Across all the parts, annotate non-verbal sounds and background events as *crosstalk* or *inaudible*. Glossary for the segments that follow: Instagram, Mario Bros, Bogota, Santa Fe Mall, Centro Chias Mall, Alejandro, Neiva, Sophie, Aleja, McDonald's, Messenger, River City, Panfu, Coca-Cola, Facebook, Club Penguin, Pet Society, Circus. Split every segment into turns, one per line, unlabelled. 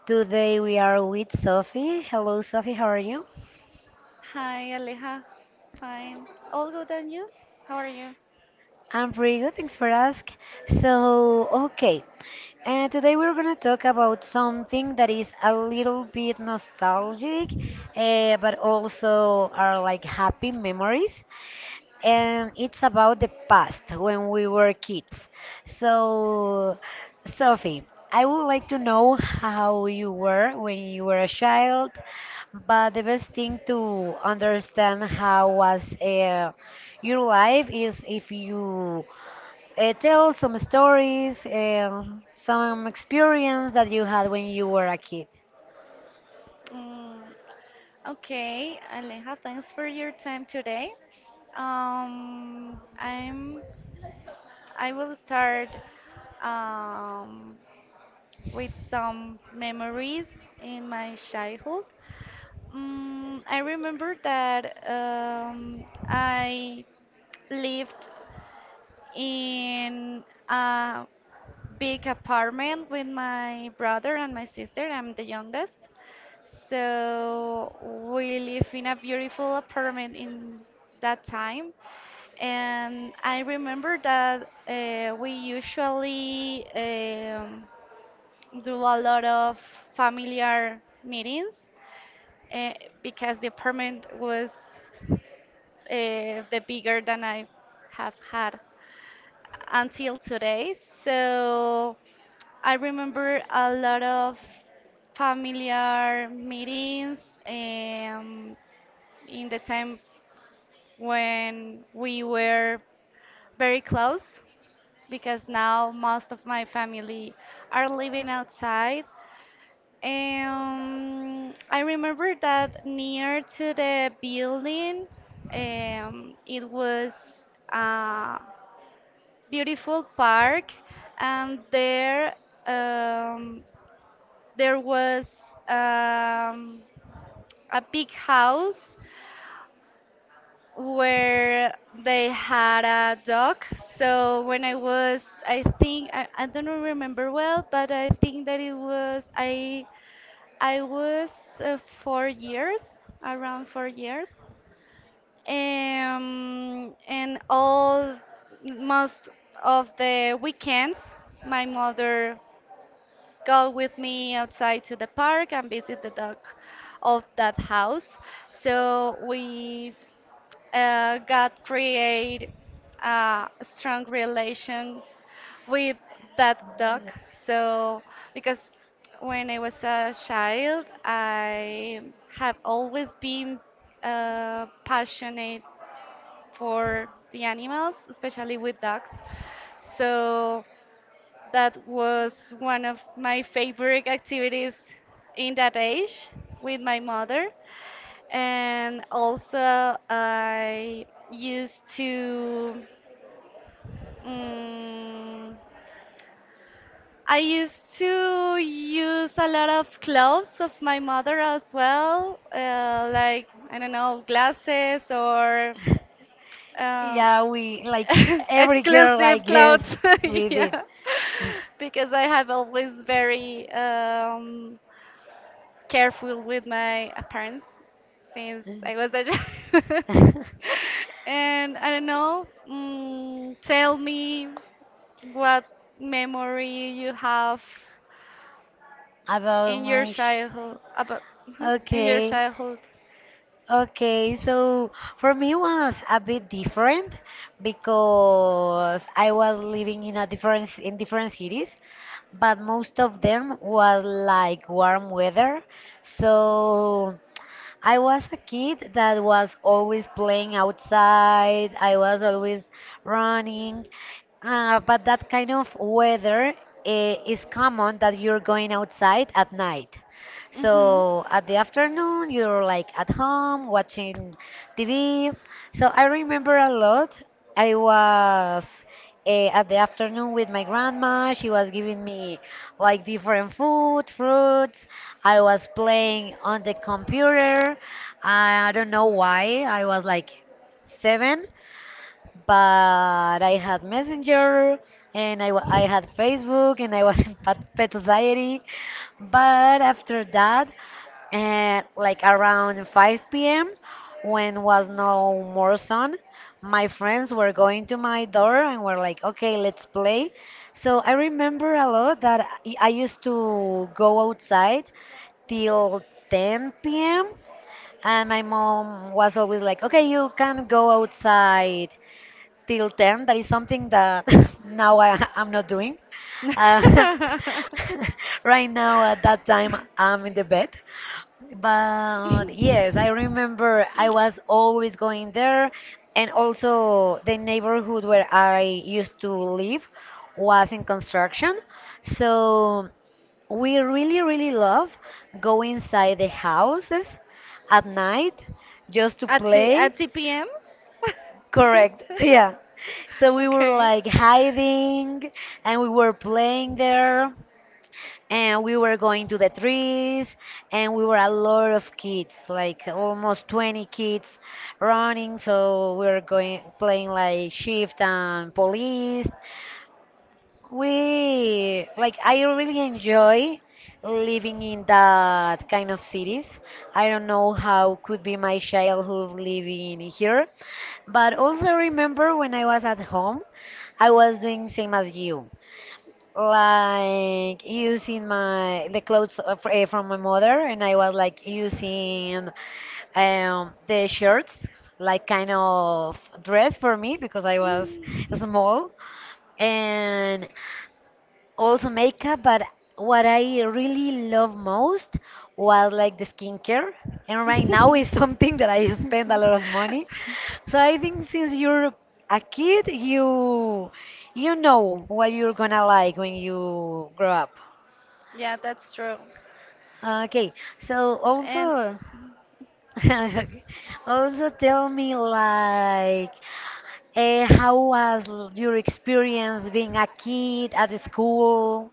Today we are with Sophie. Hello, Sophie, how are you?
Hi, Aleja. Fine. All good and you? How are you?
I'm pretty good, thanks for asking. So, okay, and today we're gonna talk about something that is a little bit nostalgic, but also are like happy memories. And it's about the past when we were kids. So, Sophie, I would like to know how you were when you were a child, but the best thing to understand how was your life is if you tell some stories, some experience that you had when you were a kid.
Mm, okay, Aleja, thanks for your time today. Um, I'm I will start um, with some memories in my childhood. I remember that I lived in a big apartment with my brother and my sister. I'm the youngest. So we live in a beautiful apartment in that time. And I remember that we usually do a lot of familiar meetings uh, because the apartment was the bigger than I have had until today. So I remember a lot of familiar meetings in the time when we were very close because now most of my family are living outside. I remember that near to the building, it was beautiful park, and um, there was um, a big house where they had a dog. So when I was, I think I don't remember well, but I think that it was I was uh, 4 years, around 4 years, and all most of the weekends my mother go with me outside to the park and visit the dog of that house. So we got create a strong relation with that dog. So because when I was a child, I have always been passionate for the animals, especially with dogs. So that was one of my favorite activities in that age with my mother. And also, mm, I used to use a lot of clothes of my mother as well, like, I don't know, glasses or
*laughs*
Um,
Yeah, we like
*laughs*
every girl, I
exclusive
guess,
clothes, *laughs*
we
yeah, because I have always very careful with my appearance since I was a child. *laughs*
did. *laughs*
And I don't know, tell me what memory you have
About
in your
my sh-
childhood about huh? in your
okay,
childhood.
okay. So for me was a bit different because I was living in a different cities, but most of them was like warm weather. So I was a kid that was always playing outside. I was always running. But that kind of weather is common that you're going outside at night.
Hmm.
So at the afternoon, you're like at home watching TV. So I remember a lot. I was
*laughs*
at the afternoon with my grandma. She was giving me like different food, fruits. I was playing on the computer. I don't know why. I was like seven, but I had Messenger and I had Facebook and I was *laughs* in Pet Society. But after that, like around 5 p.m., when was no more sun, my friends were going to my door and were like, okay, let's play. So I remember a lot that I used to go outside till 10 p.m. And my mom was always like, okay, you can go outside till 10, that is something that *laughs* now I'm not doing uh,
That. *laughs*
*laughs* right now. At that time I'm in the bed, but yes, I remember I was always going there. And also the neighborhood where I used to live was in construction, so we really love go inside the houses at night just to
At
play.
2 p.m.
Correct. *laughs*
*laughs*
Yeah. So we were like
*laughs*
hiding and we were playing there, and we were going to the trees, and we were a lot of kids, like almost 20 kids running. So we were going playing like shift and police. We like, I really enjoy living in that kind of cities. I don't know how could be my childhood living here, but also remember when I was at home, I was doing same as you, like using my the clothes of, from my mother, and I was like using the shirts, like kind of dress for me because I was small. And also
*laughs*
makeup, but what I really love most was like the skincare. And right now is *laughs* something that I spend a lot of money. So I think since you're a kid, you know what you're gonna like when you grow up.
Yeah, that's true.
Okay, so
And
also *laughs* also tell me like how was your experience being a kid at the school?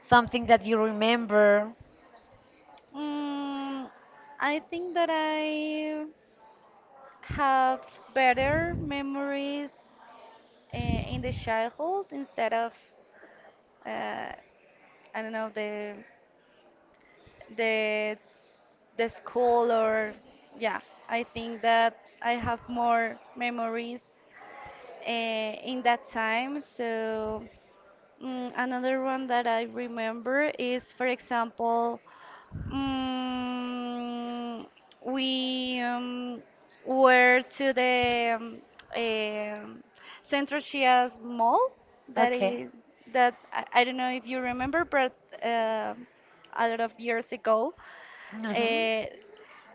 Something that you remember?
you? I think that I have better memories in the childhood instead of uh, I don't know the the school or yeah. I think that I have more memories in that time. So another one that I remember is, for example, mm, we were to the um, Centro Chias Mall. That
Okay.
is that I don't know if you remember, but uh, a lot of years ago.
*laughs* uh
Uh,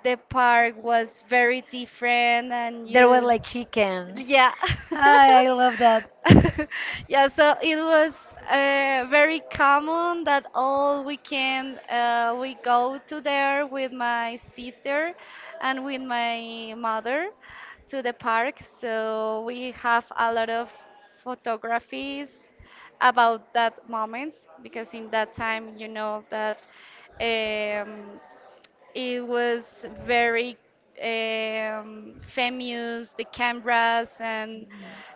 the park was very different and
There were
you.
like chickens.
Yeah.
I love that.
*laughs*
*laughs*
*laughs* Yeah, so it was very common that all weekend we go to there with my sister and with my mother to the park. So we have a lot of photographies about that moments because in that time you know that um, it was very famous, the cameras and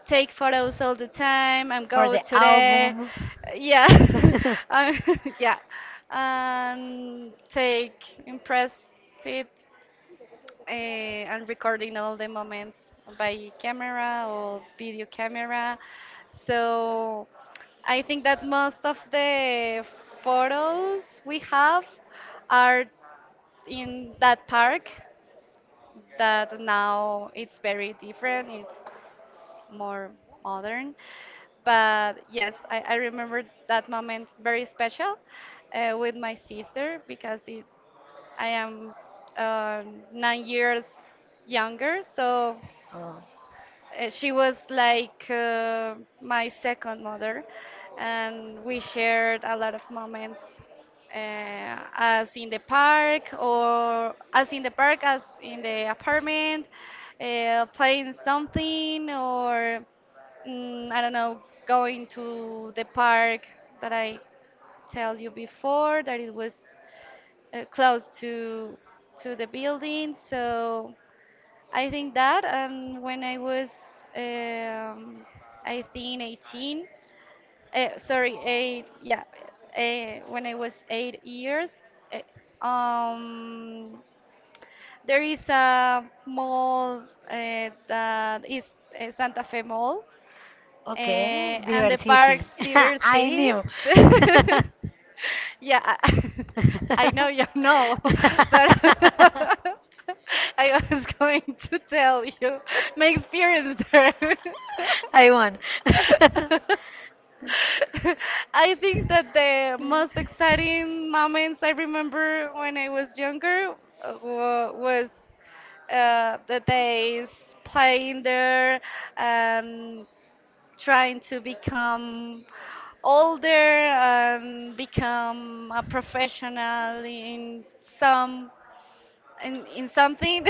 take photos all the time and
For
go
the
to the.
album.
Yeah. *laughs*
*laughs*
um, *laughs* yeah, and take impress it and recording all the moments by camera or video camera. So I think that most of the photos we have are in that park that now it's very different, it's more modern, but yes, I remember that moment very special with my sister because I am 9 years younger, so
Oh,
she was like my second mother, and we shared a lot of moments, as in the park or as in the park, as in the apartment, playing something or I don't know, going to the park that I tell you before that it was close to the building, so. I think that when I was, um, I think 18, sorry, eight, yeah, when I was 8 years, eh, um, there is a mall that is Santa Fe Mall,
okay,
and the park's
diversity. *laughs*
River
I
City.
knew. *laughs*
*laughs* Yeah, I, *laughs* I know you know, *laughs* but *laughs* I was going to tell you my experience there. *laughs*
I won. *laughs*
I think that the most exciting moments I remember when I was younger was the days playing there, um, trying to become older and become a professional in something.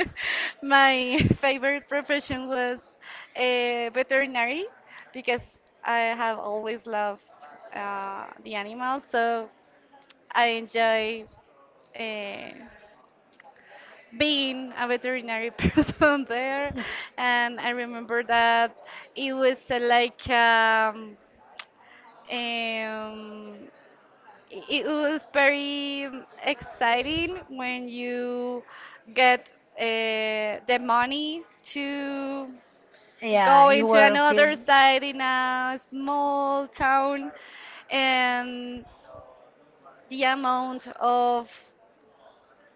*laughs* My *laughs* favorite profession was a veterinary because I have always loved the animals, so I enjoy uh, being a veterinary *laughs* person there. And I remember that it was Um, it was very exciting when you get uh, the money to
Yeah,
go
you
into
were
another
feeling.
side in a small town and the amount of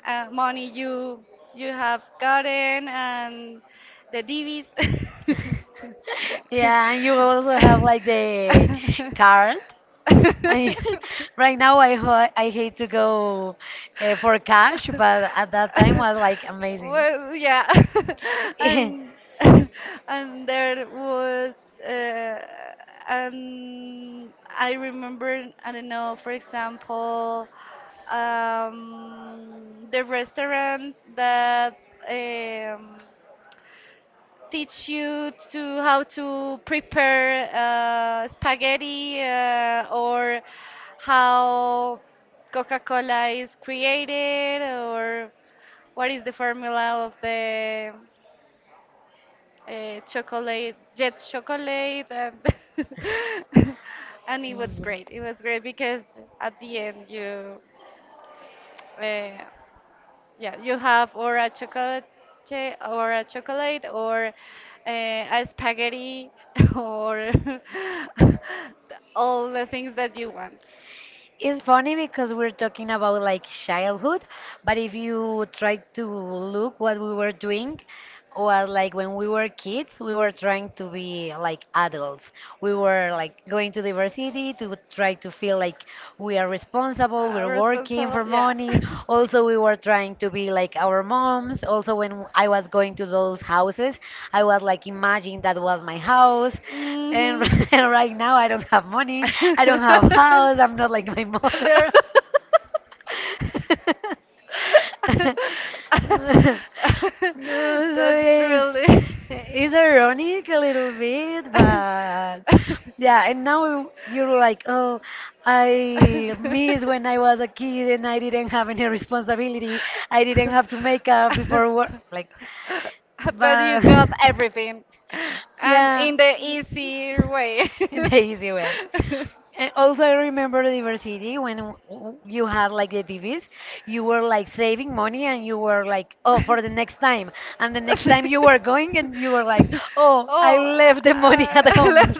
money you have gotten and the divvies.
*laughs* Yeah, and you also have like the card. I, *laughs*
*laughs* *laughs*
right now, I hate to go for cash, but at that
*laughs*
time was like amazing.
Well, yeah, *laughs* and
*laughs*
*laughs* and there was, uh, and I remember, I don't know, for example, the restaurant that um, teach you to how to prepare spaghetti or how Coca-Cola is created or what is the formula of the chocolate jet chocolate. And *laughs* And it was
Mhm.
great. It was great because at the end you uh, yeah, you have or a chocolate or a chocolate or a spaghetti, *laughs* or *laughs* all the things that you want.
It's funny because we're talking about like childhood, but if you try to look what we were doing, was like when we were kids, we were trying to be like adults. We were like going to diversity to try to feel like we are responsible. We're working
Responsible,
for
yeah.
money. Also, we were trying to be like our moms. Also, when I was going to those houses, I was like, imagine that was my house.
*laughs*
And
Hmm.
*laughs* and right now, I don't have money. I don't have
*laughs*
house. I'm not like my mother. *laughs* so
That's
it's,
truly.
it's ironic a little bit, but yeah. And now you're like, oh, I miss when I was a kid and I
*laughs*
didn't have any responsibility. I didn't have to make up before work.
*laughs*
Like,
I bet you
but
got everything.
*laughs*
And
yeah,
in the easier way.
in the easy way.
*laughs*
And also, I remember the university when you had like the TVs, you were like saving money and you were like, oh, for the next time. And the next time you were going and you were like,
*laughs*
oh, I
Oh,
left the money *laughs* at
*laughs*
home.
let,
*laughs*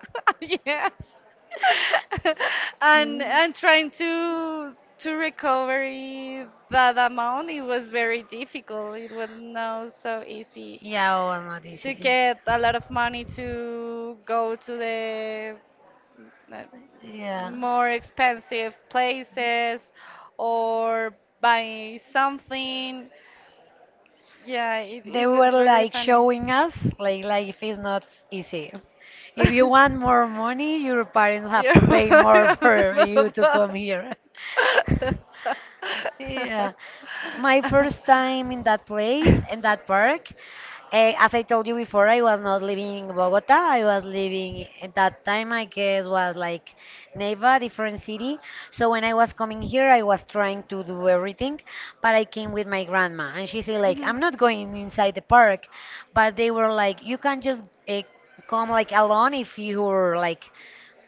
*laughs* yes, *laughs* and trying to recover it- that amount, it was very difficult. It was not so easy
Yeah, oh, not
to
easy.
get a lot of money to go to the uh,
Yeah.
more expensive places or buy something. Yeah, it
They were
was very
like
funny. *laughs*
showing us like life is not easy. If you want more money, your parents have
You're
to pay
very
more *laughs*
up
for you to
to
come here. *laughs*
*laughs*
Yeah,
the-
my first
*laughs*
time in that place
*laughs*
in that park, as I told you before, I was not living in Bogota. I was living at that time, I guess was like Neiva, different city. So when I was coming here, I was trying to do everything, but I came with my grandma and she said like,
Mhm.
I'm not going inside the park. But they were like, you can just uh, come like alone if you're like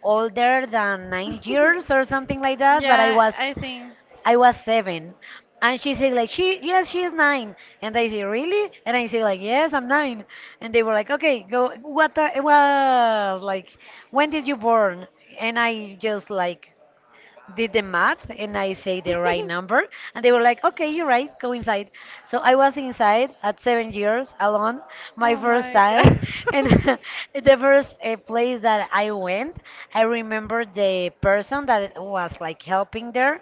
older than nine
*laughs*
years or something like that. But I
Yeah,
was
I think.
I was seven. And she said like, she, yes, she is nine. And I say, really? And I say like, yes, I'm nine. And they were like, okay, go. What the well, like, when did you born? And I just like did the math and I say the right
*laughs*
number. And they were like, okay, you're right, go inside. So I was inside at 7 years alone, my
Oh
first
my
time.
god.
And *laughs* the first place that I went, I remember the person that was like helping there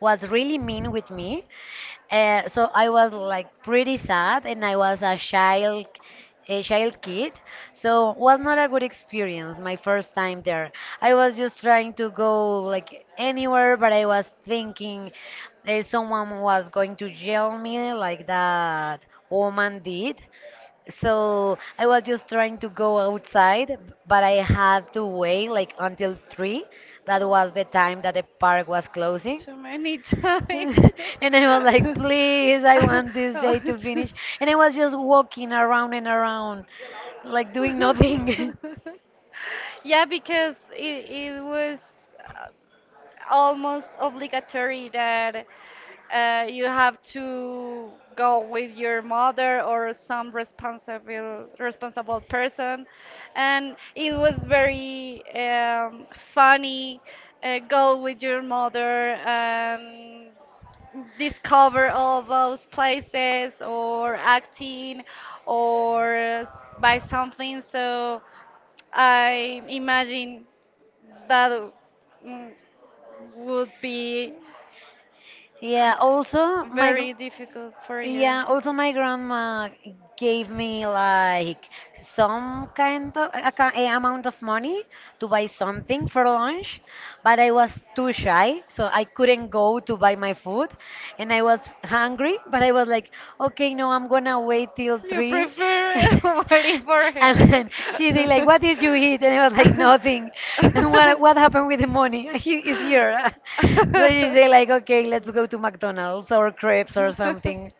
was really mean with me, so I was like pretty sad, and I was a child kid. So was not a good experience my first time there.
*laughs*
I was just trying to go like anywhere, but I was thinking someone was going to yell me like that woman did. So I was just trying to go outside, but I had to wait like until three. That was the time that the park was closing.
Too many *laughs* times.
*laughs* And I was
And
like, please, I
want to. *laughs* See.
want this
Oh,
day to
it's-
finish.
*laughs*
And I was just walking around and around, like doing
no.
nothing.
*laughs* Yeah, because it was almost obligatory that you have to go with your mother or some responsible person, and it was very funny. Go with your mother and discover all those places or acting by something. So I imagine that mm, would be
*laughs*
uh,
yeah, also, my gr-
very difficult for you.
Yeah, also my grandma gave me like some kind of a amount of money to buy something for lunch, but I was too shy, so I couldn't go to buy my food, and I was hungry, but I was like, okay, no, I'm gonna wait till
You
three. *laughs*
prefer *laughs* waiting for
And
her.
then she said like, what did you eat? And I was like,
*laughs*
nothing. *laughs* And what happened with the money? *laughs* He is here. *laughs* So she said like, okay, let's go to McDonald's or crepes or something.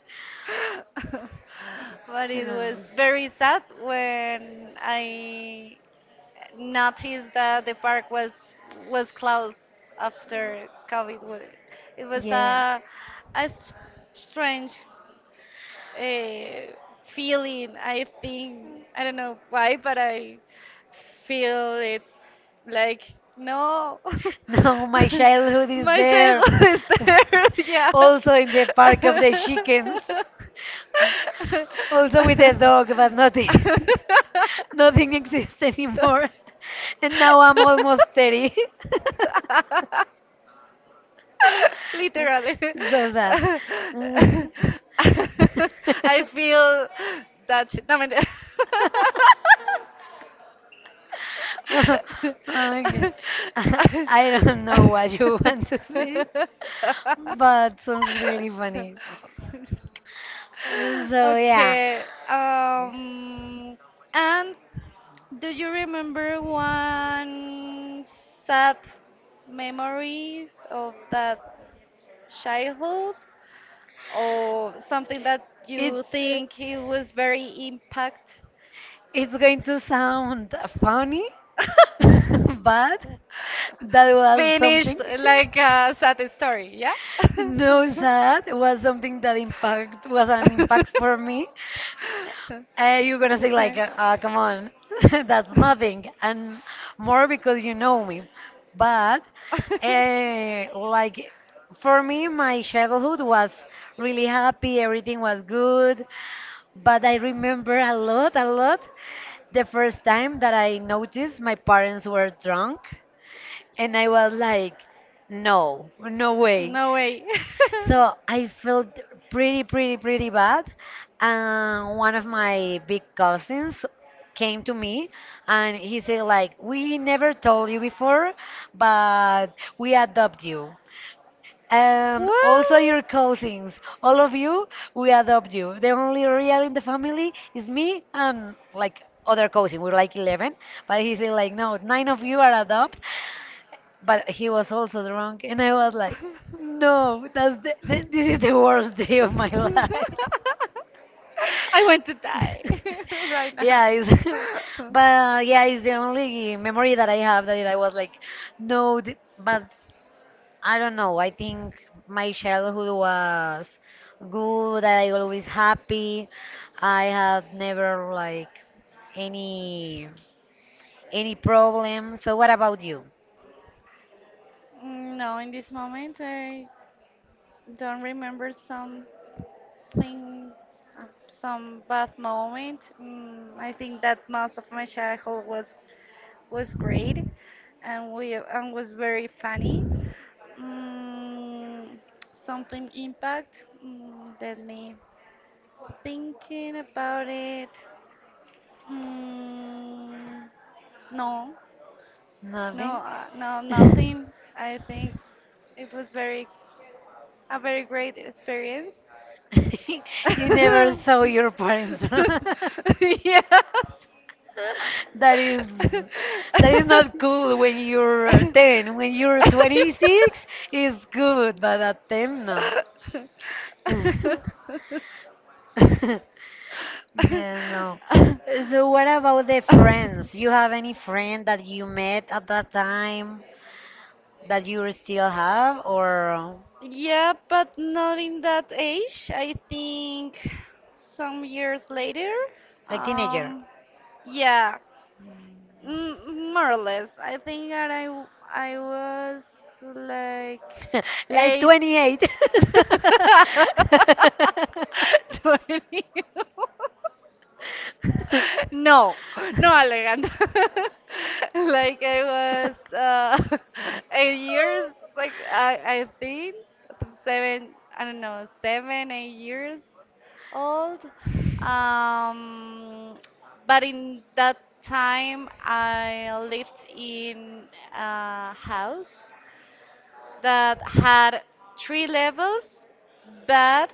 But it was
Oh,
very sad when I noticed that the park was closed after COVID. It was
yeah. *laughs*
a strange uh, feeling. I think I don't know why, but I feel it like no.
No, my
*laughs*
childhood is
My
there.
childhood is
*laughs*
there. *laughs*
Also in the park of the chickens. Also with a dog, but nothing *laughs* nothing exists anymore. *laughs* And now I'm almost 30.
Yeah. *laughs* *laughs* Literally.
*laughs* So sad. *laughs*
*laughs* I feel that shit. No, mentira.
Okay. *laughs*
*laughs*
I don't know what you *laughs* want to say, but sounds really funny. So yeah.
Okay. And do you remember one sad memories of that childhood, or something that you
It's
think it was very impact?
it's going to sound funny, *laughs*
*laughs*
but that was
Finished
something. *laughs*
like a sad story, yeah. *laughs*
No, sad was something that impact was an impact for me. You're gonna say like,
Okay.
come on, *laughs* that's nothing, and more because you know me. But like for me, my childhood was really happy. Everything was good, but I remember a lot, a lot. The first time that I noticed my parents were drunk, and I was like, no, no
*laughs*
way.
No way.
So I felt pretty bad.
*laughs*
And one of my big cousins came to me and he said like, we never told you before, but we adopt you and also
What?
your
*laughs*
cousins. All of you, we adopt you. The only real in the family is me and like other cousin. We're like 11, but he said like, no, nine of you are adopt. But he was also drunk, and I was like, no,
*laughs*
that's this is the
*laughs*
worst *laughs* day of
Worst.
my
*laughs* *laughs*
life.
*laughs* I want to die
*laughs*
*laughs* right now.
Yeah, *laughs*
*laughs*
but yeah, it's the only memory that I have that I was like, but I don't know. I think my childhood was good. I always happy. I have never like any any problem. So what about you?
No, in this moment, I don't remember something, some bad moment. I think that most of my childhood was great, and we and was very funny. Mm, something impact. Let me thinking about it. Mm, no, No,
Nothing.
no,
*laughs*
nothing. I think it was very a very great experience. *laughs*
You never saw your parents. *laughs* That is that is not cool when you're 10. When you're 26, it's good, but at 10, no.
So beautiful. *laughs*
*laughs* Yeah, no. So what about the friends? You have any friend that you met at that time that you still
Yes.
have or
*laughs* Yeah, but not in that age. I think some years later.
like teenager?
Um, yeah, m more or less. I think that I was like
*laughs* Like
eight.
28.
*laughs* *laughs* 20. *laughs* *laughs* No, no, Alejandro. *laughs* Like I was *laughs* 8 years, like I think seven, I don't know, seven, 8 years old. Um, but in that time, I lived in a house that had 3 levels, but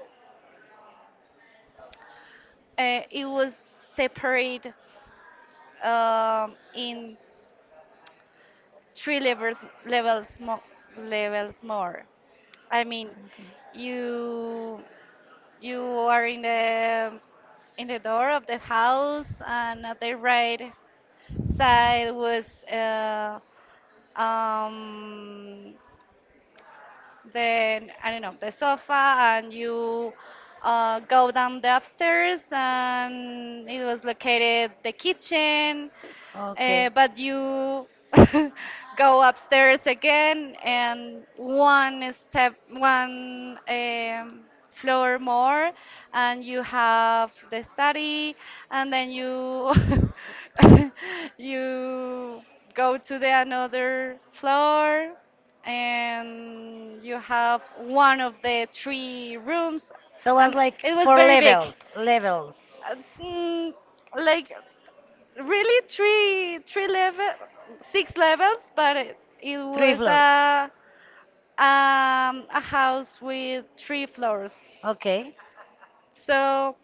it was separate in three levels more levels more. I mean,
Okay.
you you are in the door of the house, and at the right side was um, then I don't know, the sofa, and you go down the upstairs, and it was located the kitchen.
Okay.
But you *laughs* go upstairs again, and one step, one floor more, and you have the study, and then you *laughs* you go to the another floor and you have one of the 3 rooms,
So was
and
like
it was very big. Uh,
levels,
mm, like really three three level six levels, but it
three
was
floors.
a house with 3 floors.
Okay.
So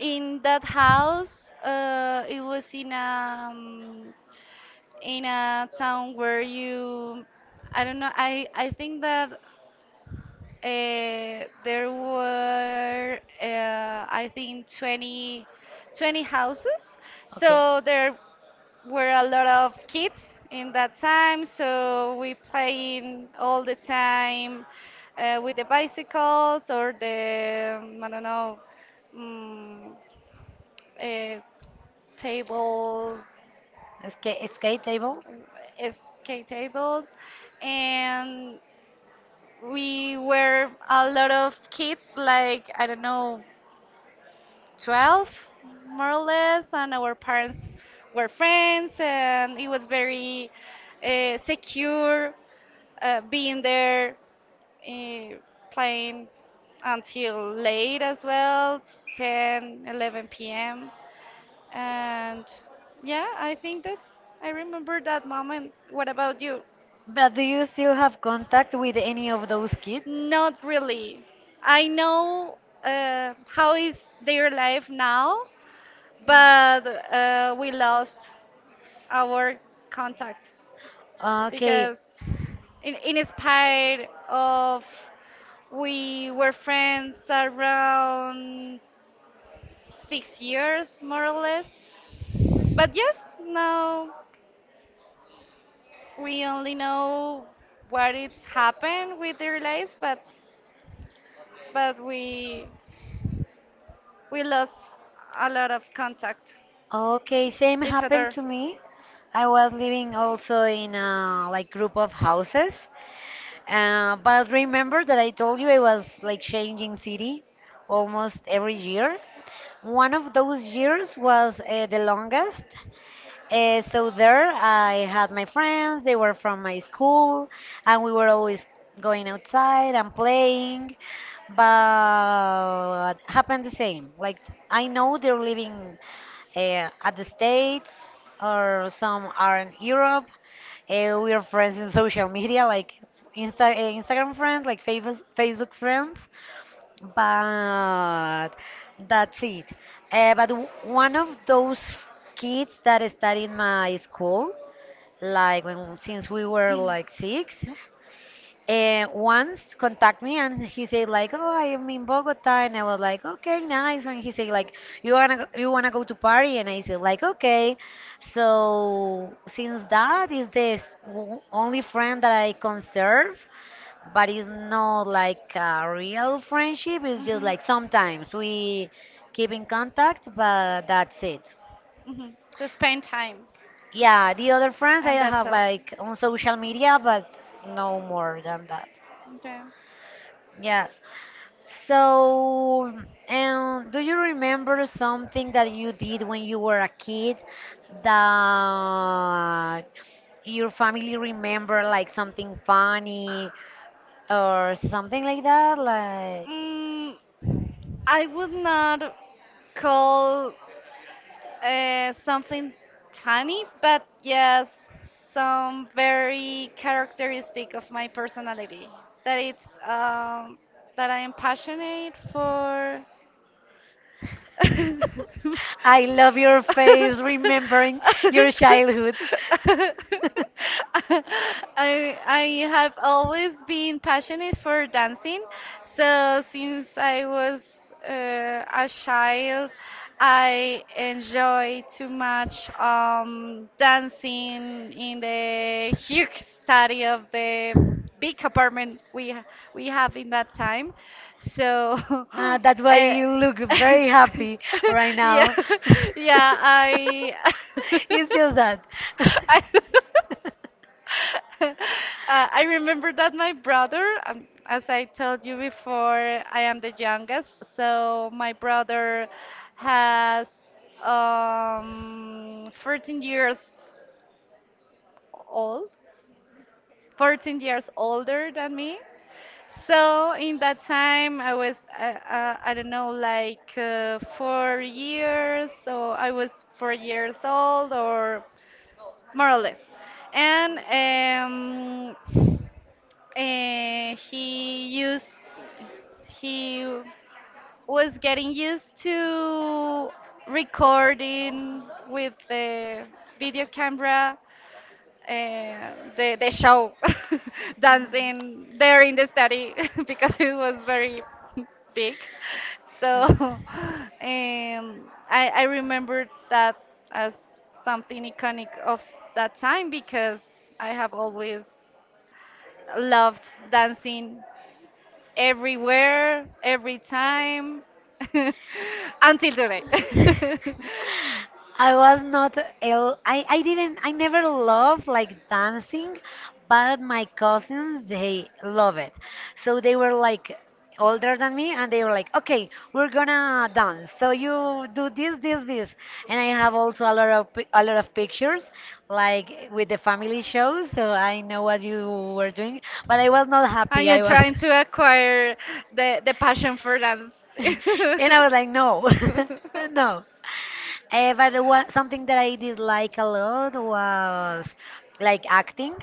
in that house, it was in a town where you, I don't know, I think that, there were, I think, 20 houses.
Okay.
So there were a lot of kids in that time. So we playing all the time with the bicycles or the, I don't know, um, uh, table,
Escape table.
uh, skate tables. And we were a lot of kids, like, I don't know, 12, more or less, and our parents were friends, and it was very secure being there uh, playing until late as well, 10 or 11 p.m. And yeah, I think that I remember that moment. What about you?
But do you still have contact with any of those kids?
Not really. I know how is their life now, but we lost our contact
Okay,
because in spite of we were friends around 6 years more or less, but yes, now we only know what it's happened with their lives, but we lost a lot of contact
okay, same
each
happened
other.
to me. I was living also in a like group of houses. But remember that I told you I was like changing city almost every year. One of those years was the longest. So there, I had my friends. They were from my school, and we were always going outside and playing. But happened the same. Like I know they're living at the States, or some are in Europe. We are friends in social media, like Instagram friends, like Facebook friends. But that's it. But one of those kids that studied in my school, like when since we were like six, once contact me and he said like, "Oh, I am in Bogota," and I was like, "Okay, nice." And he said like, " you wanna go to party?" And I said like, "Okay." So since that is this only friend that I conserve, but it's not like a real friendship. It's just
Hmm.
like sometimes we keep in contact, but that's it.
Hmm. To spend time,
Yeah, the other friends I
and that's
have
all.
like on social media, but no more than that.
Okay.
Yes. So, and do you remember something that you did when you were a kid that your family remember like something funny or something like that? Like
Mm, I would not call something funny, but yes, some very characteristic of my personality. That it's that I am passionate for.
I
*laughs* *laughs*
love your face remembering your childhood.
*laughs*
*laughs*
I have always been passionate for dancing. So since I was a child, I enjoy too much dancing in the huge study of the big apartment we we have in that time. So *laughs*
Ah, that's why
uh,
you look
*laughs*
very happy right
yeah,
now. *laughs*
*laughs* yeah, I *laughs*
It's just that.
I *laughs*
*laughs*
uh, I remember that my brother, as I told you before, I am the youngest, so my brother has 14 years old, 14 years older than me. So in that time, I was I don't know, like 4 years, so I was 4 years old or more or less, and he used he was getting used to recording with the video camera the show, *laughs* dancing there in the study, *laughs* because it was very *laughs* big. So *laughs* I remember that as something iconic of that time, because I have always
*laughs*
loved dancing everywhere, every time, *laughs* until today. *laughs*
I was not el I didn't I never loved like dancing, but my cousins they love it. So they were like older than me and they were like, okay, we're gonna dance, so you do this, this, this, and I have also a lot of a lot of pictures like with the family shows, so I know what you were doing, but I was not
And
happy.
you're
I was
trying to
*laughs*
acquire the passion for dance. *laughs*
and I was like, no, *laughs* no. But something that I did like a lot was like acting.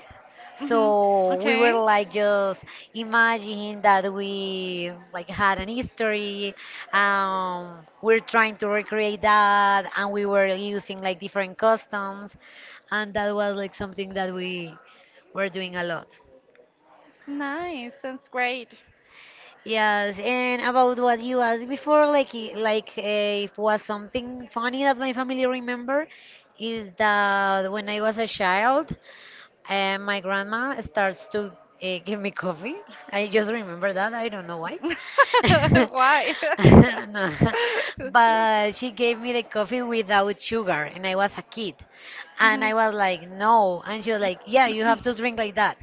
Hmm.
So we were
Okay.
like just imagining that we like had an history. We're trying to recreate that, and we were using like different customs, and that was like something that we were doing a lot.
Nice. Sounds great.
Yes, and about what you asked before, like if was something funny that my family remember, is that when I was a child, my grandma starts to give me coffee. I just remember that. I don't know why.
*laughs*
*laughs*
Why?
No. But she gave me the coffee without sugar, and I was a kid, and I was like, no, and she was like, yeah, you have to drink like that.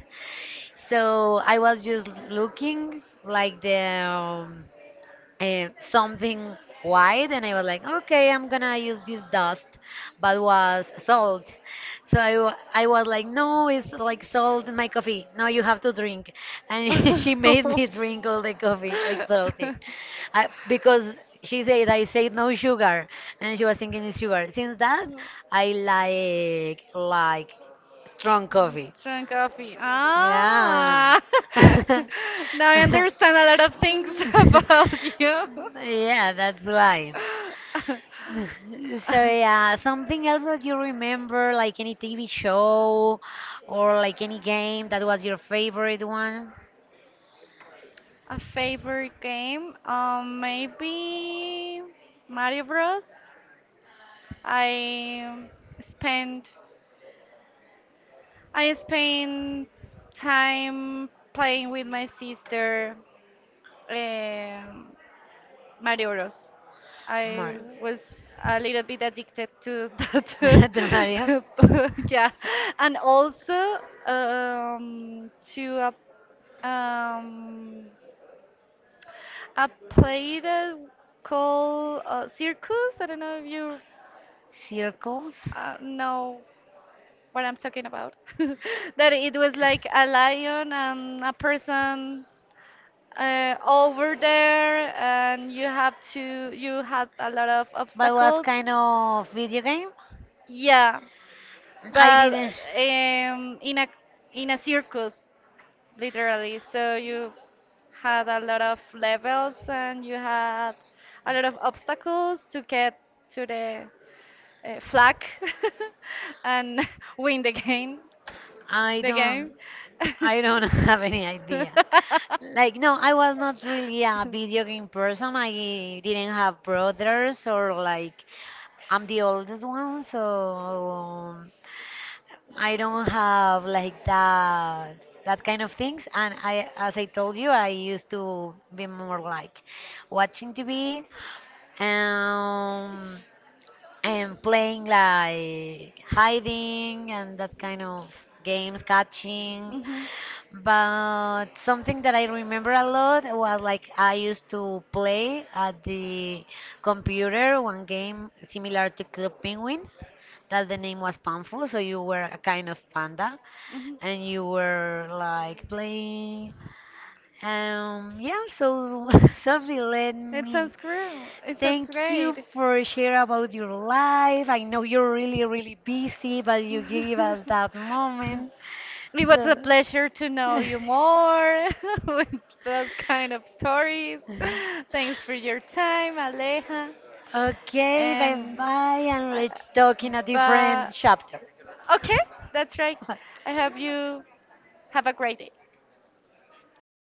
So I was just looking like the something white, and I was like, okay, I'm gonna use this dust, but was salt. So I was like, no, it's like salt in my coffee. No, you have to drink. And *laughs*
Mhm.
she made me drink all the coffee, like salty.
*laughs* *laughs*
Because she said, I said no sugar. And she was thinking it's sugar. Since that, like strong coffee.
Strong coffee.
Yeah.
Ah, *laughs*
*laughs*
now I understand a lot of things *laughs* about you.
Yeah, that's why. *laughs* So yeah, something else that you remember, like any TV show or like any game that was your favorite one?
A favorite game? Maybe Mario Bros. I spend I spend time playing with my sister. Um, Mario Bros. I
Mario.
was a little bit addicted to that.
*laughs* The Mario
*laughs* Yeah. And also to a play that called Circus. I don't know if you
Circles.
know what I'm talking about. *laughs* That it was like a lion and a person over there, and you have to you had a lot of
But was
obstacles.
kind of video game?
Yeah,
I
but
didn't.
in a circus, literally, so you had a lot of levels and you had a lot of obstacles to get to the flag *laughs* and *laughs* win the game.
I
The game.
don't. I don't *laughs* have any idea. Like, no, I was not really a video game person. I didn't have brothers, or like, I'm the oldest one, so I don't have like that kind of things. And I, as I told you, I used to be more like watching TV, um, and playing like hiding and that kind of games, catching.
Mhm.
But something that I remember a lot was like I used to play at the computer one game similar to Club Penguin that the name was
*laughs*
Panfu, so you were a kind of panda
Mhm.
and you were like playing. Yeah, so *laughs* Sophie, let
It
me
sounds great. It sounds
thank you
great.
for sharing about your life. I know you're really, really busy, but you gave us that
*laughs*
moment.
It was a
So.
pleasure to know you more *laughs* with those kind of stories.
*laughs*
Thanks for your time, Aleja.
Okay, bye
And
bye, and
uh,
let's talk in a different
but
chapter.
okay, that's right.
*laughs*
I hope you have a great day. *laughs*